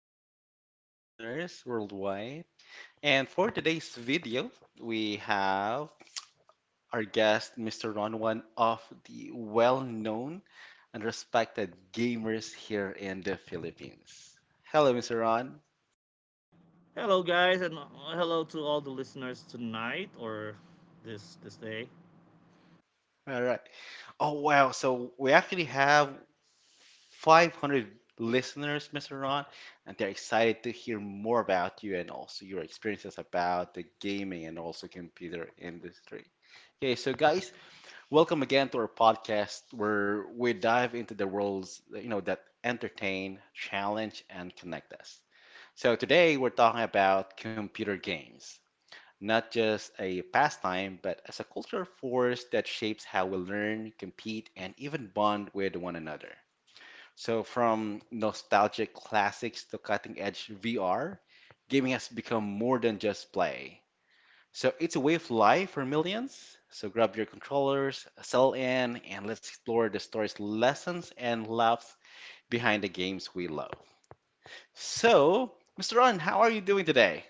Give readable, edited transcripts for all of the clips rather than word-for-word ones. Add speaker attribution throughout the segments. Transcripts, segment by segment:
Speaker 1: our listeners worldwide. And for today's video, we have our guest, Mr. Ron, one of the well known and respected gamers here in the Philippines. Hello, Mr. Ron.
Speaker 2: Hello, guys, and hello to all the listeners tonight or this day.
Speaker 1: All right. Oh, wow. So, we actually have 500 listeners, Mr. Ron, and they're excited to hear more about you and also your experiences about the gaming and also computer industry. Okay, so guys, welcome again to our podcast where we dive into the worlds, that entertain, challenge, and connect us. So today we're talking about computer games, not just a pastime, but as a cultural force that shapes how we learn, compete, and even bond with one another. So, from nostalgic classics to cutting edge VR, gaming has become more than just play. So, it's a way of life for millions. So, grab your controllers, settle in, and let's explore the stories, lessons, and laughs behind the games we love. So, Mr. Ron, how are you doing today?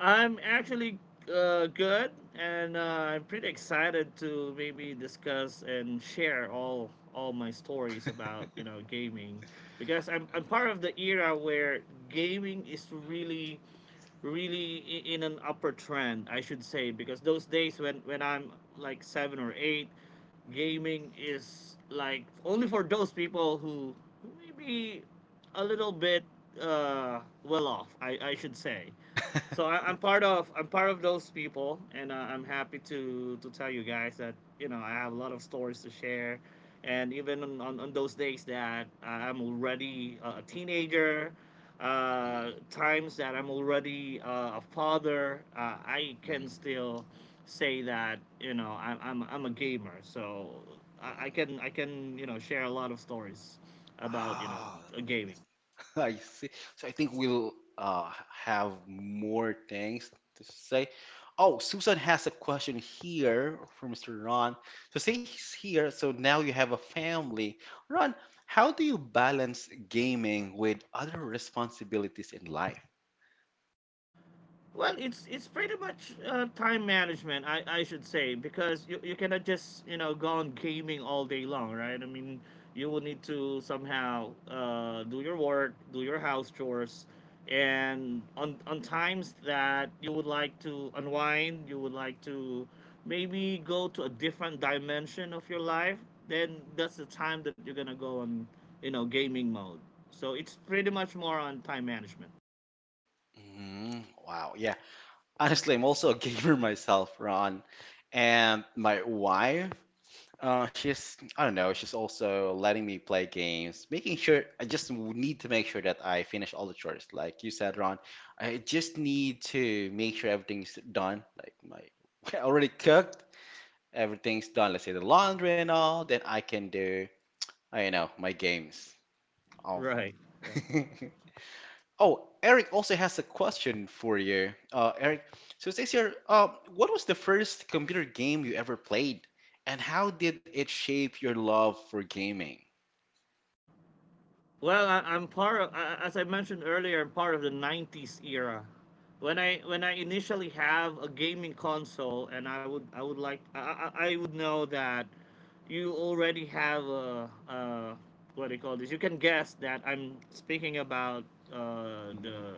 Speaker 2: I'm actually good, and I'm pretty excited to maybe discuss and share all my stories about gaming because I'm part of the era where gaming is really in an upper trend, I should say, because those days when I'm like seven or eight, gaming is like only for those people who maybe a little bit well off. I should say so I'm part of those people, and I'm happy to tell you guys that I have a lot of stories to share, and even on those days that I'm already a teenager,
Speaker 1: Mm,
Speaker 2: times that I'm already a father. I can
Speaker 1: mm.
Speaker 2: still say that I'm a gamer, so I can share a lot of stories about
Speaker 1: Ah,
Speaker 2: gaming.
Speaker 1: I see. So I think we'll have more things to say. Oh, Susan has a question here for Mr. Ron. So say he's here, so now you have a family. Ron, how do you balance gaming with other responsibilities in life?
Speaker 2: Well, it's pretty much time management, I should say, because you cannot just go on gaming all day long, right? I mean, you will need to somehow do your work, do your house chores, and on times that you would like to unwind, you would like to maybe go to a different dimension of your life. Then that's the time that you're gonna go on gaming mode. So it's pretty much more on time management.
Speaker 1: Mm, wow, yeah. Honestly, I'm also a gamer myself, Ron. And my wife she's, I don't know, she's also letting me play games, making sure I just need to make sure that I finish all the chores. Like you said, Ron, I just
Speaker 2: Correct.
Speaker 1: need to make sure everything's done. Like my, I already cooked, everything's done. Let's say the laundry and all, then I can do, I don't know, my games. Oh.
Speaker 2: Right. Right.
Speaker 1: Oh, Eric also has a question for you. Eric, so it says here, what was the first computer game you ever played, and how did it shape your love for gaming?
Speaker 2: Well, I'm part of, as I mentioned earlier, I'm part of the '90s era. When I initially have a gaming console, and I would like I would know that you already have a, what do you call this? You can guess that I'm speaking about uh,
Speaker 1: Mhm.
Speaker 2: the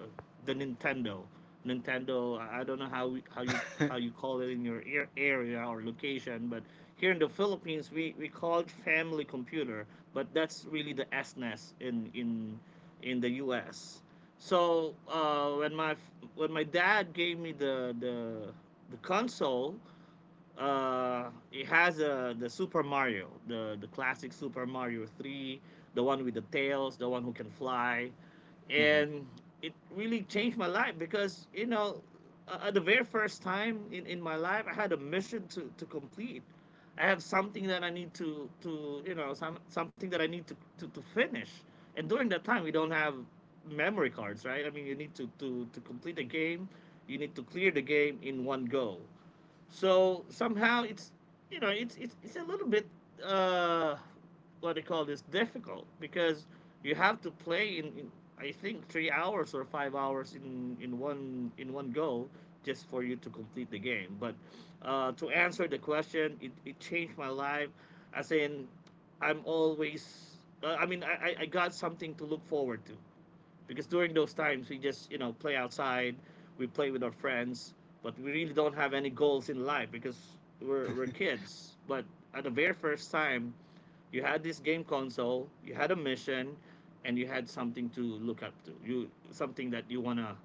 Speaker 2: the Nintendo. Nintendo. I don't know how you how you call it in your area or location, but here in the Philippines, we call it family computer, but that's really the SNES in the U.S. So when my dad gave me the console, it has the Super Mario, the classic Super Mario 3, the one with the tails, the one who can fly,
Speaker 1: Mhm.
Speaker 2: and it really changed my life because at the very first time in my life, I had a mission to complete. I have something that I need to some something that I need to finish, and during that time we don't have memory cards, right? I mean, you need to complete the game, you need to clear the game in one go. So somehow it's it's a little bit uh, what do you call this, difficult, because you have to play in I think 3 hours or 5 hours in one go just for you to complete the game. But to answer the question, it changed my life. As in, I'm always I mean I got something to look forward to, because during those times we just play outside, we play with our friends, but we really don't have any goals in life because we're kids. But at the very first time you had this game console, you had a mission, and you had something to look up to, you something that you want to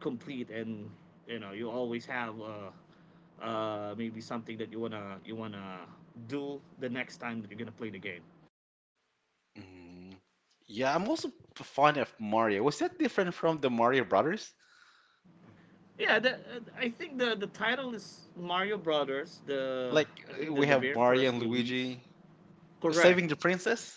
Speaker 2: complete, and you always have maybe something that you wanna do the next time that you're gonna play the game.
Speaker 1: Mhm. Yeah, I'm also fond of Mario. Was that different from the Mario Brothers?
Speaker 2: Yeah, the, I think the title is Mario Brothers. The
Speaker 1: Like
Speaker 2: I think
Speaker 1: we
Speaker 2: the
Speaker 1: have
Speaker 2: very
Speaker 1: Mario
Speaker 2: first
Speaker 1: and
Speaker 2: release.
Speaker 1: Luigi saving
Speaker 2: Correct.
Speaker 1: the princess?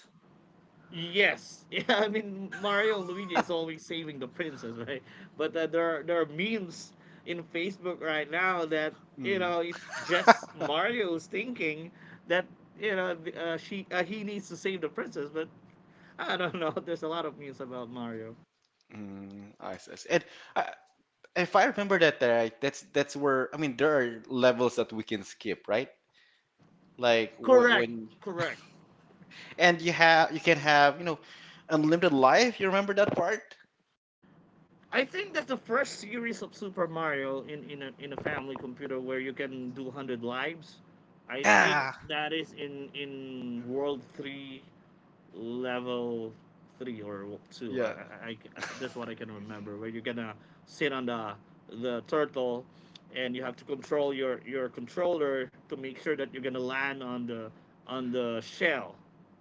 Speaker 2: Yes. Yeah, I mean Mario and Luigi is always saving the princess, right? But there are memes in Facebook right now that
Speaker 1: Mm.
Speaker 2: it's just Mario's thinking that you know th- she he needs to save the princess, but I don't know. There's a lot of memes about Mario.
Speaker 1: Mm, I see. I see. And I, if I remember that right, that's where I mean there are levels that we can skip, right? Like wh-
Speaker 2: Correct.
Speaker 1: when
Speaker 2: Correct.
Speaker 1: and you have you can have, you know, unlimited life. You remember that part?
Speaker 2: I think that's the first series of Super Mario in a family computer where you can do 100 lives. I think
Speaker 1: Yeah.
Speaker 2: that is in World Three, Level Three or Two.
Speaker 1: Yeah.
Speaker 2: I that's what I can remember. Where you're gonna sit on the turtle, and you have to
Speaker 1: Yeah.
Speaker 2: control your controller to make sure that you're gonna land on the shell.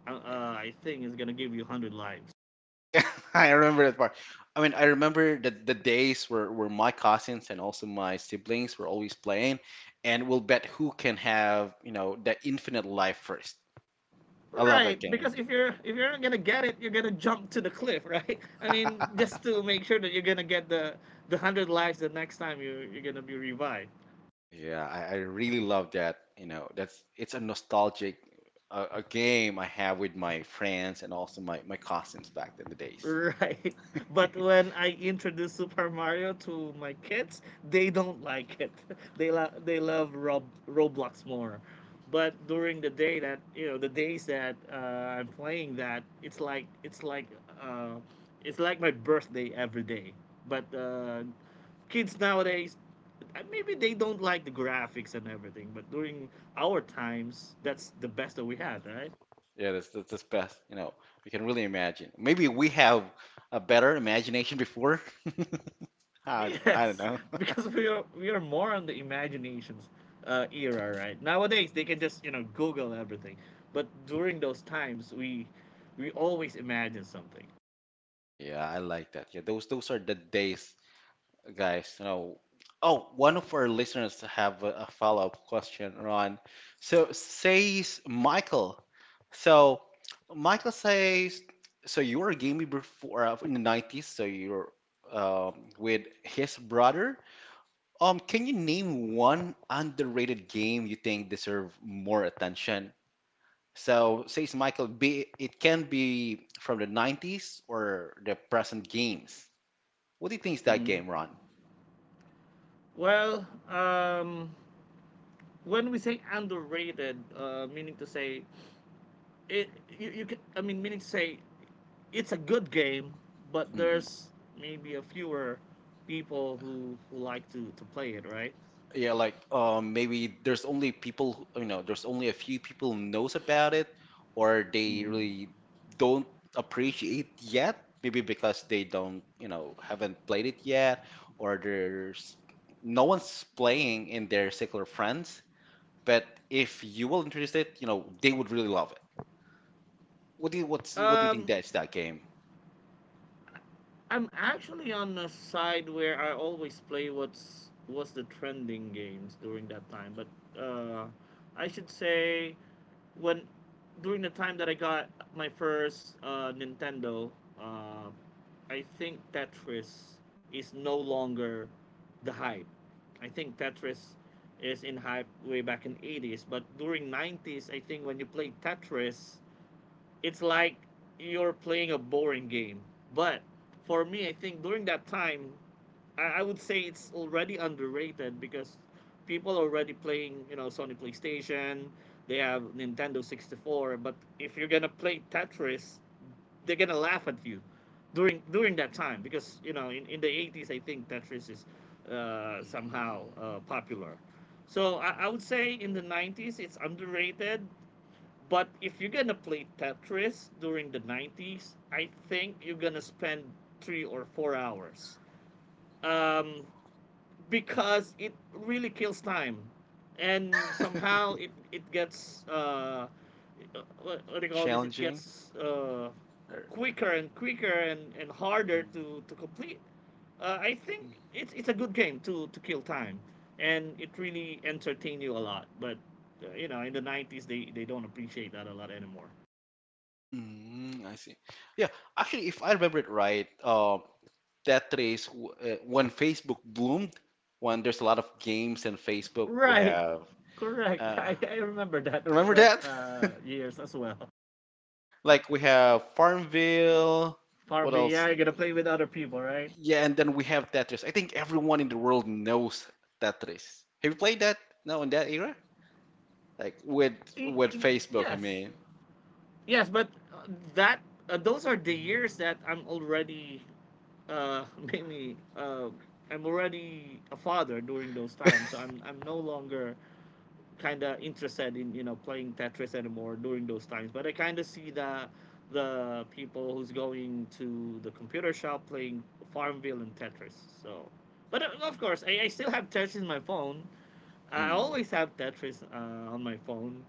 Speaker 2: I think it's gonna give you 100 lives.
Speaker 1: Yeah, I remember that part. I mean, I remember the days where my cousins and also my siblings were always playing, and we'll bet who can have, you know, the infinite life first. I love that
Speaker 2: Right,
Speaker 1: game.
Speaker 2: because if you're not gonna get it, you're gonna jump to the cliff, right? I mean, just to make sure that you're gonna get the hundred lives the next time you're gonna be revived,
Speaker 1: Yeah, I really love that. You know, that's it's a nostalgic a game I have with my friends and also my cousins back in the days.
Speaker 2: right? But when I introduce Super Mario to my kids, they don't like it. They love Roblox more. But during the day that the days that I'm playing that, uh, it's like my birthday every day. But kids nowadays maybe they don't like the graphics and everything, but during our times, that's the best that we had, right?
Speaker 1: Yeah, that's best. You know, we can really imagine. Maybe we have a better imagination before. I don't
Speaker 2: Yes,
Speaker 1: know.
Speaker 2: because we are more on the imaginations era, right? Nowadays they can just Google everything, but during those times we always imagine something.
Speaker 1: Yeah, I like that. Yeah, those are the days, guys. You know. Oh, one of our listeners have a follow-up question, Ron. So says Michael. So Michael says, so you were a gamer before in the 90s. So you're with his brother. Can you name one underrated game you think deserve more attention? So, says Michael, be it can be from the 90s or the present games. What do you think is that
Speaker 2: hmm
Speaker 1: game, Ron?
Speaker 2: Well, when we say underrated, meaning to say it, you can, I mean meaning to say it's a good game, but
Speaker 1: Mm.
Speaker 2: there's maybe a fewer people who like to play it, right?
Speaker 1: Yeah, like maybe there's only people, you know, there's only a few people who knows about it, or they
Speaker 2: Mm.
Speaker 1: really don't appreciate yet. Maybe because they don't, you know, haven't played it yet, or there's no one's playing in their circle of friends. But if you will introduce it, you know, they would really love it. What do you think
Speaker 2: Um,
Speaker 1: that's that game?
Speaker 2: I'm actually on the side where I always play what's the trending games during that time. But uh, I should say when during the time that I got my first Nintendo, uh, I think Tetris is no longer the hype. I think Tetris is in hype way back in '80s, but during '90s, I think when you play Tetris, it's like you're playing a boring game. But for me, I think during that time, I would say it's already underrated because people are already playing, you know, Sony PlayStation, they have Nintendo 64, but if you're gonna play Tetris, they're gonna laugh at you during that time because you know in the '80s I think Tetris is somehow
Speaker 1: Mm,
Speaker 2: popular. So I would say in the '90s it's underrated, but if you're gonna play Tetris during the '90s, I think you're gonna spend 3 or 4 hours, um, because it really kills time, and somehow it gets. What do you call this? It
Speaker 1: challenging
Speaker 2: gets
Speaker 1: or
Speaker 2: quicker and quicker and harder to complete. I think it's a good game to kill time, and it really entertain you a lot. But you know, in the '90s, they don't appreciate that a lot anymore.
Speaker 1: mm, mm, I see. Yeah, actually, if I remember it right, that when Facebook bloomed, when there's a lot of games in Facebook, we
Speaker 2: Right.
Speaker 1: have
Speaker 2: Correct.
Speaker 1: uh,
Speaker 2: I remember
Speaker 1: remember
Speaker 2: that
Speaker 1: that?
Speaker 2: years as well.
Speaker 1: Like we have Farmville.
Speaker 2: For
Speaker 1: What
Speaker 2: me, yeah,
Speaker 1: else?
Speaker 2: you're gonna play with other people, right?
Speaker 1: Yeah, and then we have Tetris. I think everyone in the world knows Tetris. Have you played that now in that era? Like with Facebook, you
Speaker 2: Yes.
Speaker 1: mean?
Speaker 2: Yes, but that those are the years
Speaker 1: Mm,
Speaker 2: that I'm already uh, mainly I'm already a father during those times, so I'm no longer kind of interested in playing Tetris anymore during those times. But I kind of see the people who's going to the computer shop playing Farmville and Tetris. So, but of course, I still have Tetris in my phone. I
Speaker 1: mm,
Speaker 2: always have Tetris on my phone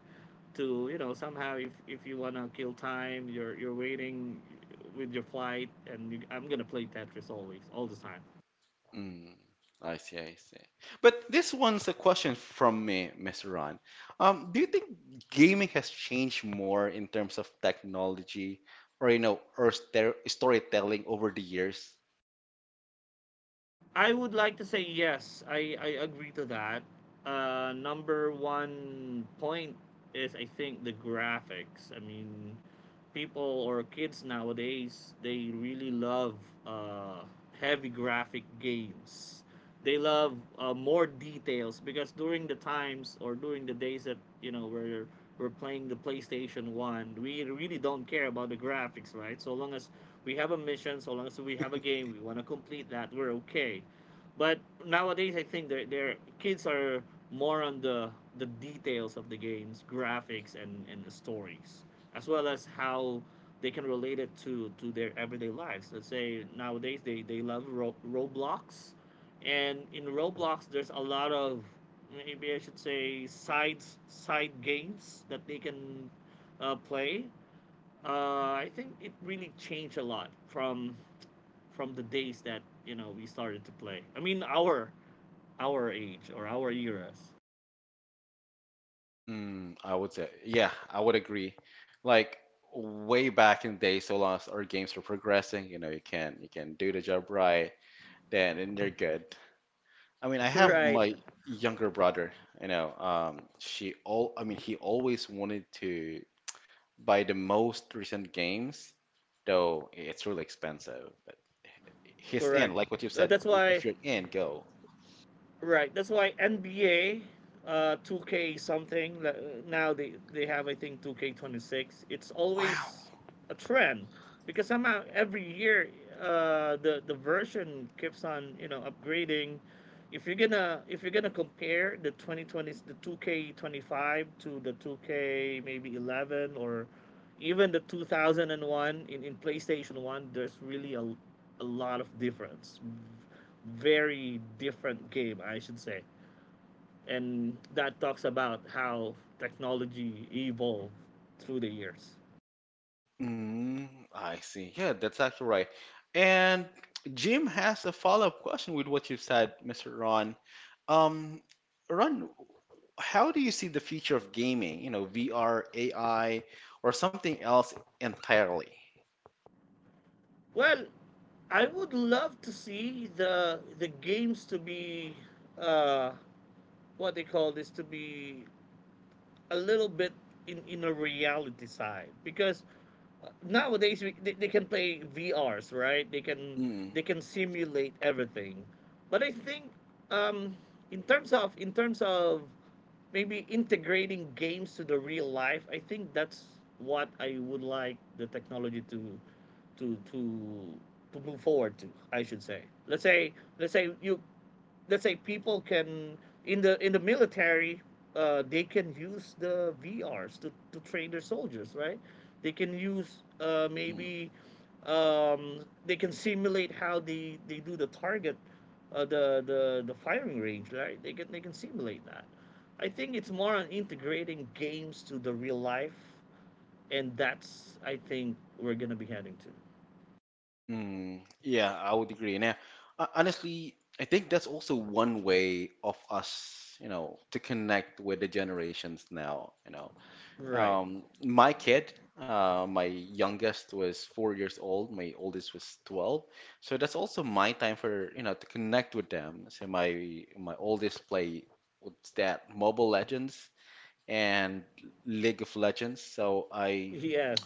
Speaker 2: to somehow, if you wanna kill time, you're waiting with your flight, and I'm gonna play Tetris always, all the time.
Speaker 1: mm. I see, I see. But this one's a question from me, Mr. Ron. Do you think gaming has changed more in terms of technology or you know, or storytelling over the years?
Speaker 2: I would like to say yes. I agree to that. Number one point is I think the graphics. I mean, people or kids nowadays they really love uh, heavy graphic games. They love more details because during the times or during the days that you know we're we're playing the PlayStation One, we really don't care about the graphics, right? So long as we have a mission, so long as we have a game, we want to complete that, we're okay. But nowadays, I think their kids are more on the details of the games, graphics, and stories, as well as how they can relate it to their everyday lives. Let's say nowadays they love Roblox, and in Roblox there's a lot of maybe, I should say, side games that they can play. I think it really changed a lot from the days that we started to play. I mean, our age or our eras.
Speaker 1: Mm, I would say, yeah, I would agree. Like way back in the day, so long as our games are progressing, you know, you can do the job right, then and they're good. I mean, I have
Speaker 2: Right,
Speaker 1: my younger brother, you know, she all, I mean, he always wanted to buy the most recent games, though it's really expensive. But he's
Speaker 2: correct.
Speaker 1: in, like what you said,
Speaker 2: That's why
Speaker 1: if you're in, go.
Speaker 2: Right. That's why NBA, 2K something. Now they have, I think, 2K26. It's
Speaker 1: Wow.
Speaker 2: always a trend because somehow every year the version keeps on upgrading. If you're gonna compare the 2020, the 2K25, to the 2K maybe 11, or even the 2001 in PlayStation 1, there's really a lot of difference. Very different game, I should say. And that talks about how technology evolved through the years.
Speaker 1: Mm, I see. Yeah, that's actually right. And Jim has a follow-up question with what you've said, Mr. Ron. Um, Ron, how do you see the future of gaming? You know, VR, AI, or something else entirely?
Speaker 2: Well, I would love to see the games to be uh, what they call this, to be a little bit in a reality side, because nowadays they can play VRs, right?
Speaker 1: Mm,
Speaker 2: They can simulate everything. But I think um, in terms of maybe integrating games to the real life, I think that's what I would like the technology to to to to move forward to, I should say. Let's say people can in the military, they can use the VRs to train their soldiers, right? They can use
Speaker 1: mm,
Speaker 2: maybe um, they can simulate how they do the target, uh, the firing range, right? They can simulate that. I think it's more on integrating games to the real life, and that's, I think, we're gonna be heading to.
Speaker 1: mm. Yeah, I would agree. Now, honestly, I think that's also one way of us, you know, to connect with the generations now, you know.
Speaker 2: Right.
Speaker 1: My kid, my youngest was 4 years old, my oldest was 12. So that's also my time for, you know, to connect with them. So my oldest play what's that, Mobile Legends and League of Legends. So
Speaker 2: Yes.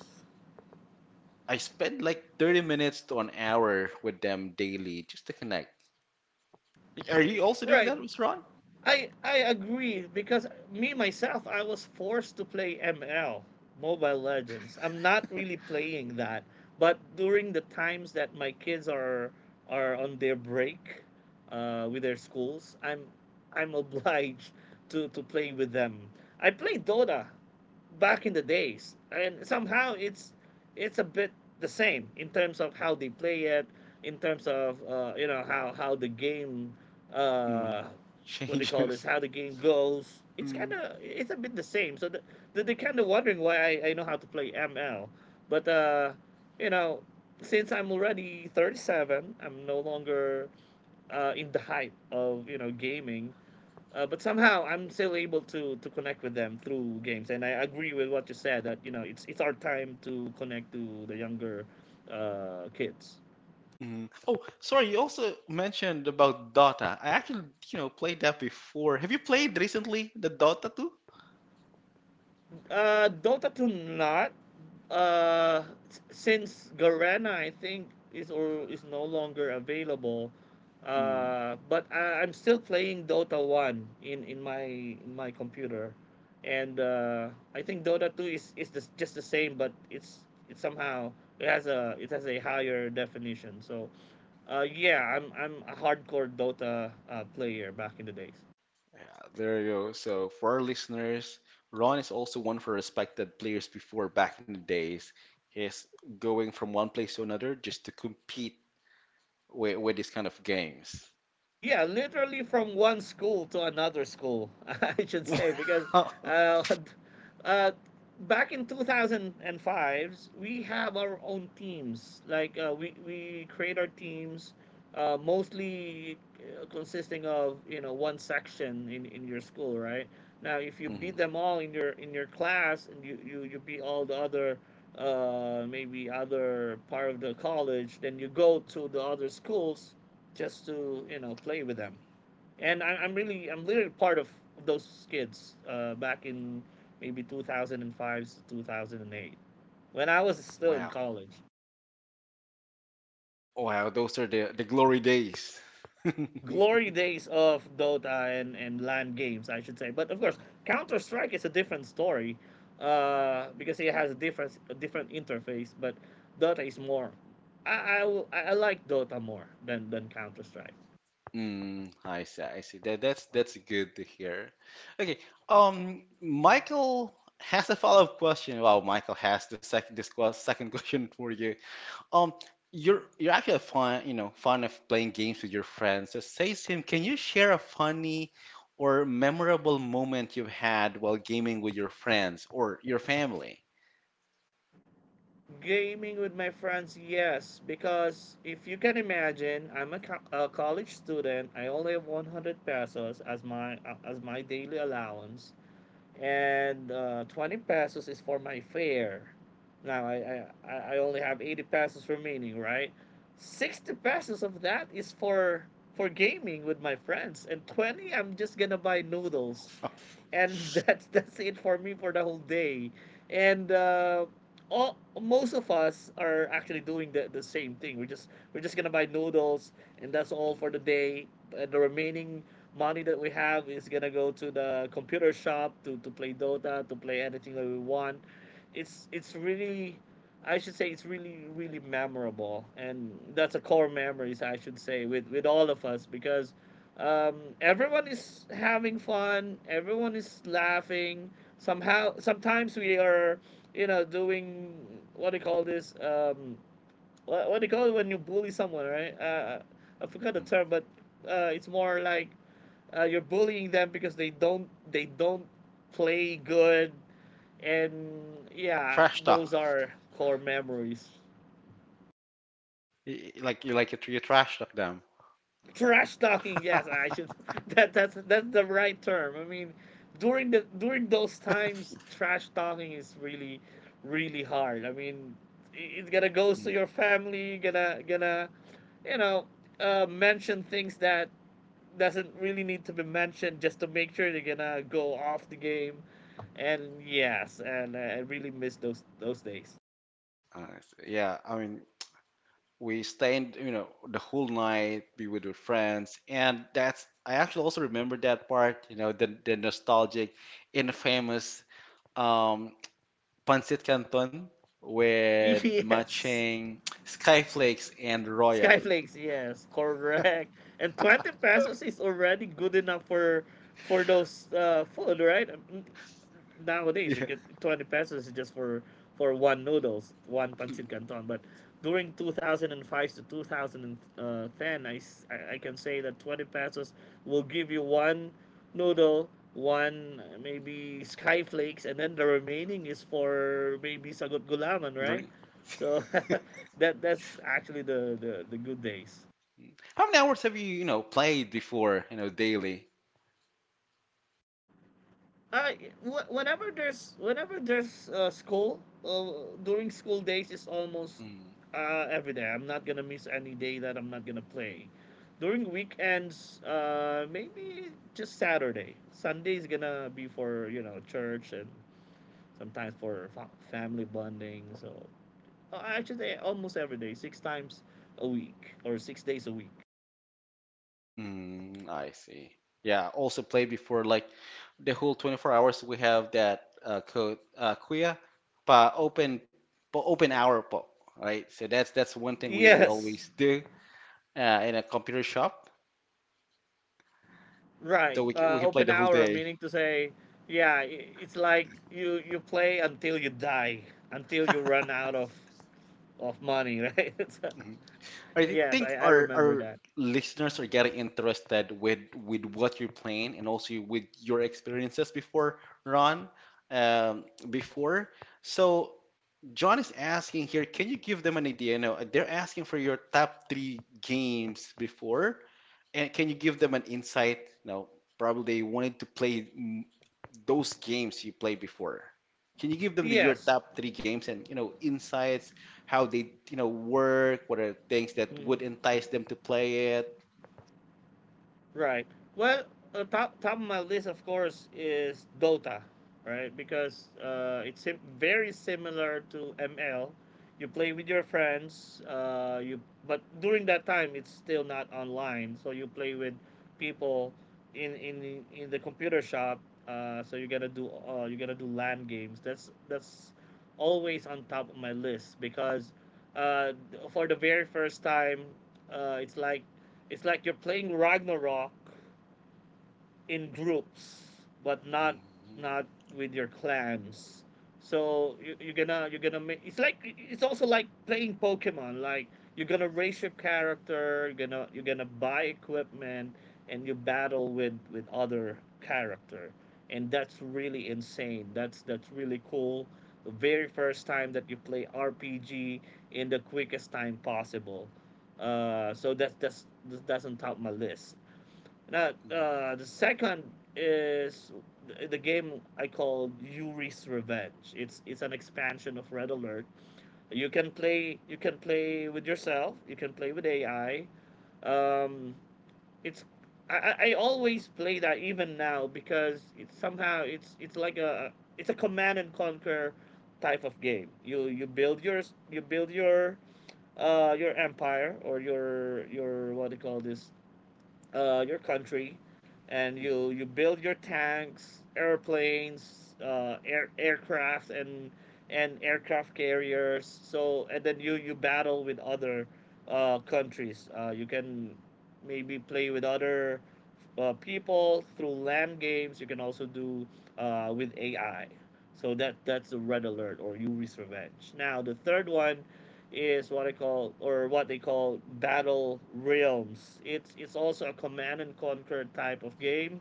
Speaker 1: I spend like 30 minutes to an hour with them daily just to connect. Are you also doing
Speaker 2: Right.
Speaker 1: that, Mr. Ron?
Speaker 2: I agree, because me myself, I was forced to play ML, Mobile Legends. I'm not really playing that, but during the times that my kids are on their break with their schools, I'm obliged to play with them. I played Dota back in the days, and somehow it's a bit the same in terms of how they play it, in terms of you know, how the game
Speaker 1: Mm.
Speaker 2: uh, what they call this,
Speaker 1: Changes.
Speaker 2: how the game goes. It's kind of it's a bit the same. So they're kind of wondering why I know how to play ML, but you know, since I'm already 37, I'm no longer in the hype of, you know, gaming. But somehow I'm still able to connect with them through games, and I agree with what you said, that you know it's our time to connect to the younger kids.
Speaker 1: Mm. Oh, sorry, you also mentioned about Dota. I actually, you know, played that before. Have you played recently the Dota 2?
Speaker 2: Dota 2, not. Uh, since Garena, I think, is or is no longer available.
Speaker 1: Mm,
Speaker 2: But I'm still playing Dota 1 in my in my computer, and I think Dota 2 is the, just the same, but it's it somehow it has a higher definition. So, yeah, I'm a hardcore Dota player back in the days.
Speaker 1: yeah, there you go. So for our listeners, Ron is also one of our respected players before back in the days. He's going from one place to another just to compete with these kind of games.
Speaker 2: Yeah, literally from one school to another school, I should say, because
Speaker 1: Wow.
Speaker 2: uh, uh, back in 2005s, we have our own teams. Like we create our teams mostly consisting of, you know, one section in your school, right? Now, if you beat
Speaker 1: Mhm.
Speaker 2: them all in your class, and you beat all the other maybe other part of the college, then you go to the other schools just to, you know, play with them. And I'm really, I'm literally part of those kids back in maybe 2005 to 2008, when I was still in
Speaker 1: Wow.
Speaker 2: college.
Speaker 1: Wow, those are the glory days.
Speaker 2: Glory days of Dota and LAN games, I should say. But of course, Counter Strike is a different story because it has a different interface. But Dota is more. I I, I like Dota more than Counter Strike.
Speaker 1: Mm, I see, I see. That's good to hear. Okay, Michael has a follow-up question. Wow, Michael has the second second question for you. Um, you're actually fun, you know, fond of playing games with your friends. So says him, can you share a funny or memorable moment you've had while gaming with your friends or your family?
Speaker 2: Gaming with my friends, yes, because if you can imagine, I'm a college student. I only have 100 pesos as my daily allowance, and 20 pesos is for my fare. Now I only have 80 pesos remaining, right? 60 pesos of that is for gaming with my friends, and 20 I'm just gonna buy noodles, and that's it for me for the whole day. And all most of us are actually doing the same thing. We're just gonna buy noodles, and that's all for the day. And the remaining money that we have is gonna go to the computer shop to play Dota, to play anything that we want. It's really, I should say, it's really, really memorable, and that's a core memories, I should say, with all of us, because um, everyone is having fun, everyone is laughing. Somehow sometimes we are, you know, doing what do you call this? What do you call it when you bully someone, right? I forgot the
Speaker 1: Mm,
Speaker 2: term, but it's more like you're bullying them because they don't play good, and yeah,
Speaker 1: trash talk,
Speaker 2: those are core memories.
Speaker 1: Like you like it, you trash talk them.
Speaker 2: Trash talking, yes, I should. That that's the right term. I mean, during those times, trash talking is really, really hard. I mean, it- it's gonna go to
Speaker 1: Mm,
Speaker 2: your family. Gonna you know mention things that doesn't really need to be mentioned, just to make sure they're gonna go off the game. And yes, and I really miss those days.
Speaker 1: I see. Yeah, I mean, we stayed you know the whole night be with our friends and that's I actually also remember that part you know the nostalgic infamous um pancit canton with
Speaker 2: Yes.
Speaker 1: matching skyflakes and royal
Speaker 2: Skyflakes, yes, correct. And 20 pesos is already good enough for those food, right? Mm, nowadays, you
Speaker 1: yeah.
Speaker 2: get 20 pesos just for one noodles, one pancit canton. But during 2005 to 2010, I can say that 20 pesos will give you one noodle, one maybe skyflakes, and then the remaining is for maybe sagot gulaman,
Speaker 1: Drink.
Speaker 2: right? So that that's actually the good days.
Speaker 1: How many hours have you you know played before you know daily
Speaker 2: uh, Whenever there's, school, during school days, is almost
Speaker 1: mm.
Speaker 2: every day. I'm not gonna miss any day that I'm not gonna play. During weekends, maybe just Saturday Sunday is gonna be for, you know, church, and sometimes for family bonding. So actually almost every day, six times a week, or 6 days a week.
Speaker 1: Mm, I see. Yeah, also played before like the whole 24 hours we have that code Kuya pa open pa open hour po, right? So that's one thing we
Speaker 2: Yes.
Speaker 1: always do in a computer shop. So
Speaker 2: Right.
Speaker 1: we can play
Speaker 2: Open
Speaker 1: the whole
Speaker 2: hour,
Speaker 1: day.
Speaker 2: meaning to say, yeah, it's like you play until you die, until you run out of money, right? So,
Speaker 1: Mhm. I
Speaker 2: yes,
Speaker 1: think
Speaker 2: I remember
Speaker 1: our
Speaker 2: that.
Speaker 1: listeners are getting interested with what you're playing and also with your experiences before Ron before. So John is asking here, can you give them an idea? You know, they're asking for your top three games before, and can you give them an insight? You know, probably they wanted to play mm, those games you played before. Can you give them the, your
Speaker 2: Yes.
Speaker 1: top three games and you know insights, how they you know work, what are things that would
Speaker 2: Mm-hmm.
Speaker 1: entice them to play it?
Speaker 2: Right. Well, top of my list, of course, is Dota, right? Because very similar to ML. You play with your friends. You but during that time, it's still not online, so you play with people in the computer shop. So you gotta do LAN games. That's always on top of my list, because uh, for the very first time, uh, it's like it's like you're playing Ragnarok in groups, but not
Speaker 1: Mhm,
Speaker 2: not with your clans. So you're gonna make it's like it's also like playing pokemon, like you're gonna raise your character, you're gonna buy equipment, and you battle with other character, and that's really insane. That's really cool, the very first time that you play rpg in the quickest time possible. So that's that doesn't top my list. Now, the second is the game I call Yuri's Revenge. It's an expansion of Red Alert. You can play with yourself. You can play with AI. Um, it's I always play that even now, because it's somehow it's like a it's a command and conquer type of game. You build your your empire, or your, what do you call this, your country, and
Speaker 1: mm,
Speaker 2: you build your tanks, airplanes, aircraft, and aircraft carriers. So and then you battle with other countries. You can maybe play with other people through land games. You can also do with AI. So that that's the red alert or Yuri's revenge. Now the third one is what I call, or what they call, battle realms. It's also a command and conquer type of game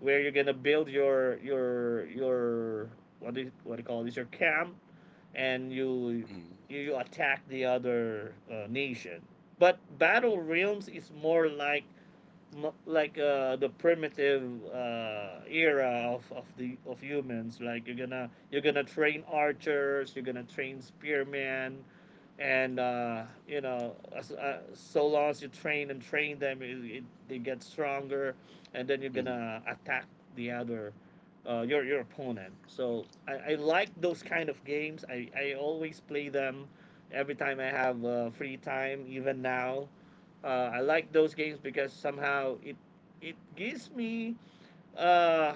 Speaker 2: where you're gonna build your your what do you call this, your camp, and
Speaker 1: mm,
Speaker 2: you, you attack the other nation. But battle realms is more like the primitive era of the of humans, like you're gonna train archers, you're gonna train spearmen, and you know, so long as you train and train them, it, they get stronger, and then you're
Speaker 1: mm,
Speaker 2: gonna attack the other, your opponent. So I like those kind of games. I always play them every time I have free time. Even now, uh, I like those games because somehow it it gives me uh, uh,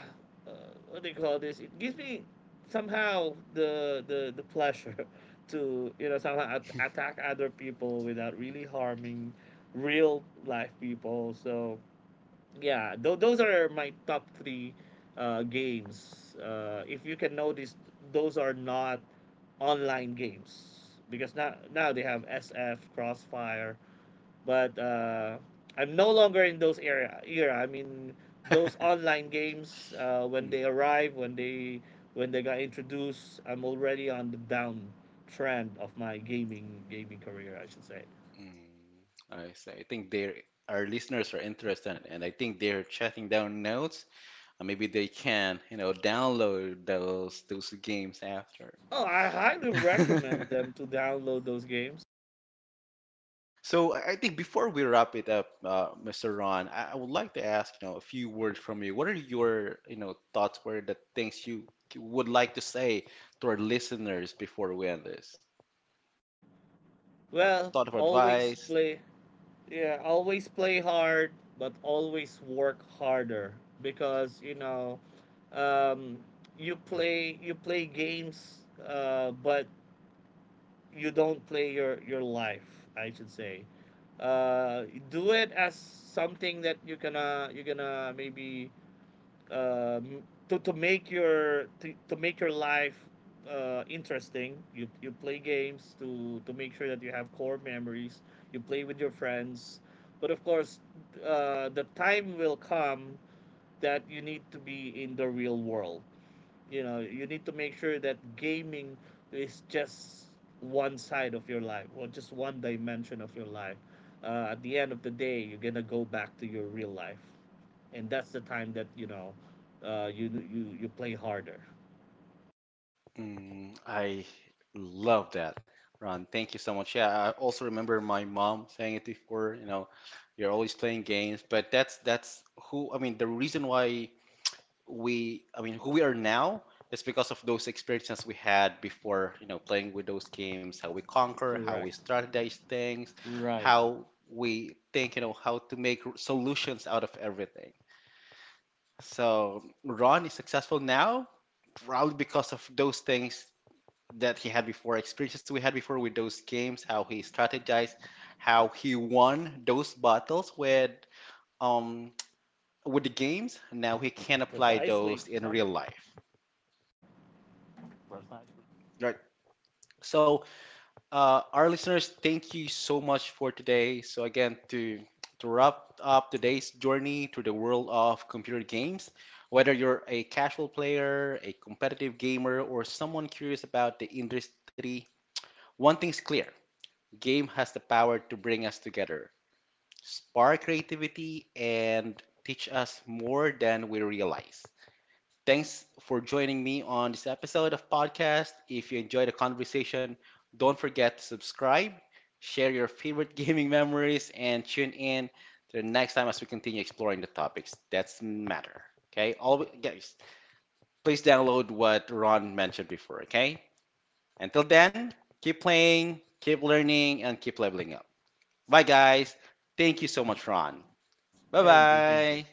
Speaker 2: what do you call this? It gives me somehow the pleasure to, you know, somehow attack other people without really harming real life people. So yeah, those are my top three games. If you can notice, those are not online games, because now now they have SF, Crossfire, but I'm no longer in those era. I mean, those online games when
Speaker 1: mm,
Speaker 2: they arrive, when they got introduced, I'm already on the down trend of my gaming career, I should say.
Speaker 1: mm. I see. I think they our listeners are interested, and I think they're jotting down notes And maybe they can, you know, download those games after.
Speaker 2: Oh, I highly recommend them to download those games.
Speaker 1: So I think before we wrap it up, Mr. Ron, I would like to ask, you know, a few words from you. What are your, you know, thoughts? What are the things you would like to say to our listeners before we end this? You know,
Speaker 2: Well,
Speaker 1: thought of
Speaker 2: always
Speaker 1: advice,
Speaker 2: play, yeah, always play hard, but always work harder, because you know um, you play games, but you don't play your life, I should say. uh do it as something that you're gonna maybe um to make your life interesting. You play games to make sure that you have core memories. You play with your friends, but of course, the time will come that you need to be in the real world. You know, you need to make sure that gaming is just one side of your life, or just one dimension of your life. At the end of the day, you're gonna go back to your real life, and that's the time that, you know, you you play harder.
Speaker 1: mm, I love that, Ron. Thank you so much. Yeah, I also remember my mom saying it before, you know, you're always playing games, but that's who, I mean, the reason why we, I mean, who we are now is because of those experiences we had before, you know, playing with those games, how we conquer, how we
Speaker 2: Correct.
Speaker 1: strategize things,
Speaker 2: Right.
Speaker 1: how we think, you know, how to make solutions out of everything. So Ron is successful now, probably because of those things that he had before, experiences we had before with those games, how he strategized, how he won those battles um with the games. Now he can apply
Speaker 2: precisely
Speaker 1: those in
Speaker 2: precisely
Speaker 1: real life,
Speaker 2: Precisely.
Speaker 1: right? So, our listeners, thank you so much for today. So again, to wrap up today's journey to the world of computer games, whether you're a casual player, a competitive gamer, or someone curious about the industry, one thing's clear: game has the power to bring us together, spark creativity, and teach us more than we realize. Thanks for joining me on this episode of podcast. If you enjoyed the conversation, don't forget to subscribe, share your favorite gaming memories, and tune in to the next time as we continue exploring the topics that matter. Okay, all guys, please download what Ron mentioned before. Okay, until then, keep playing, keep learning, and keep leveling up. Bye, guys. Thank you so much, Ron. Bye
Speaker 2: Thank you, thank you.
Speaker 1: bye.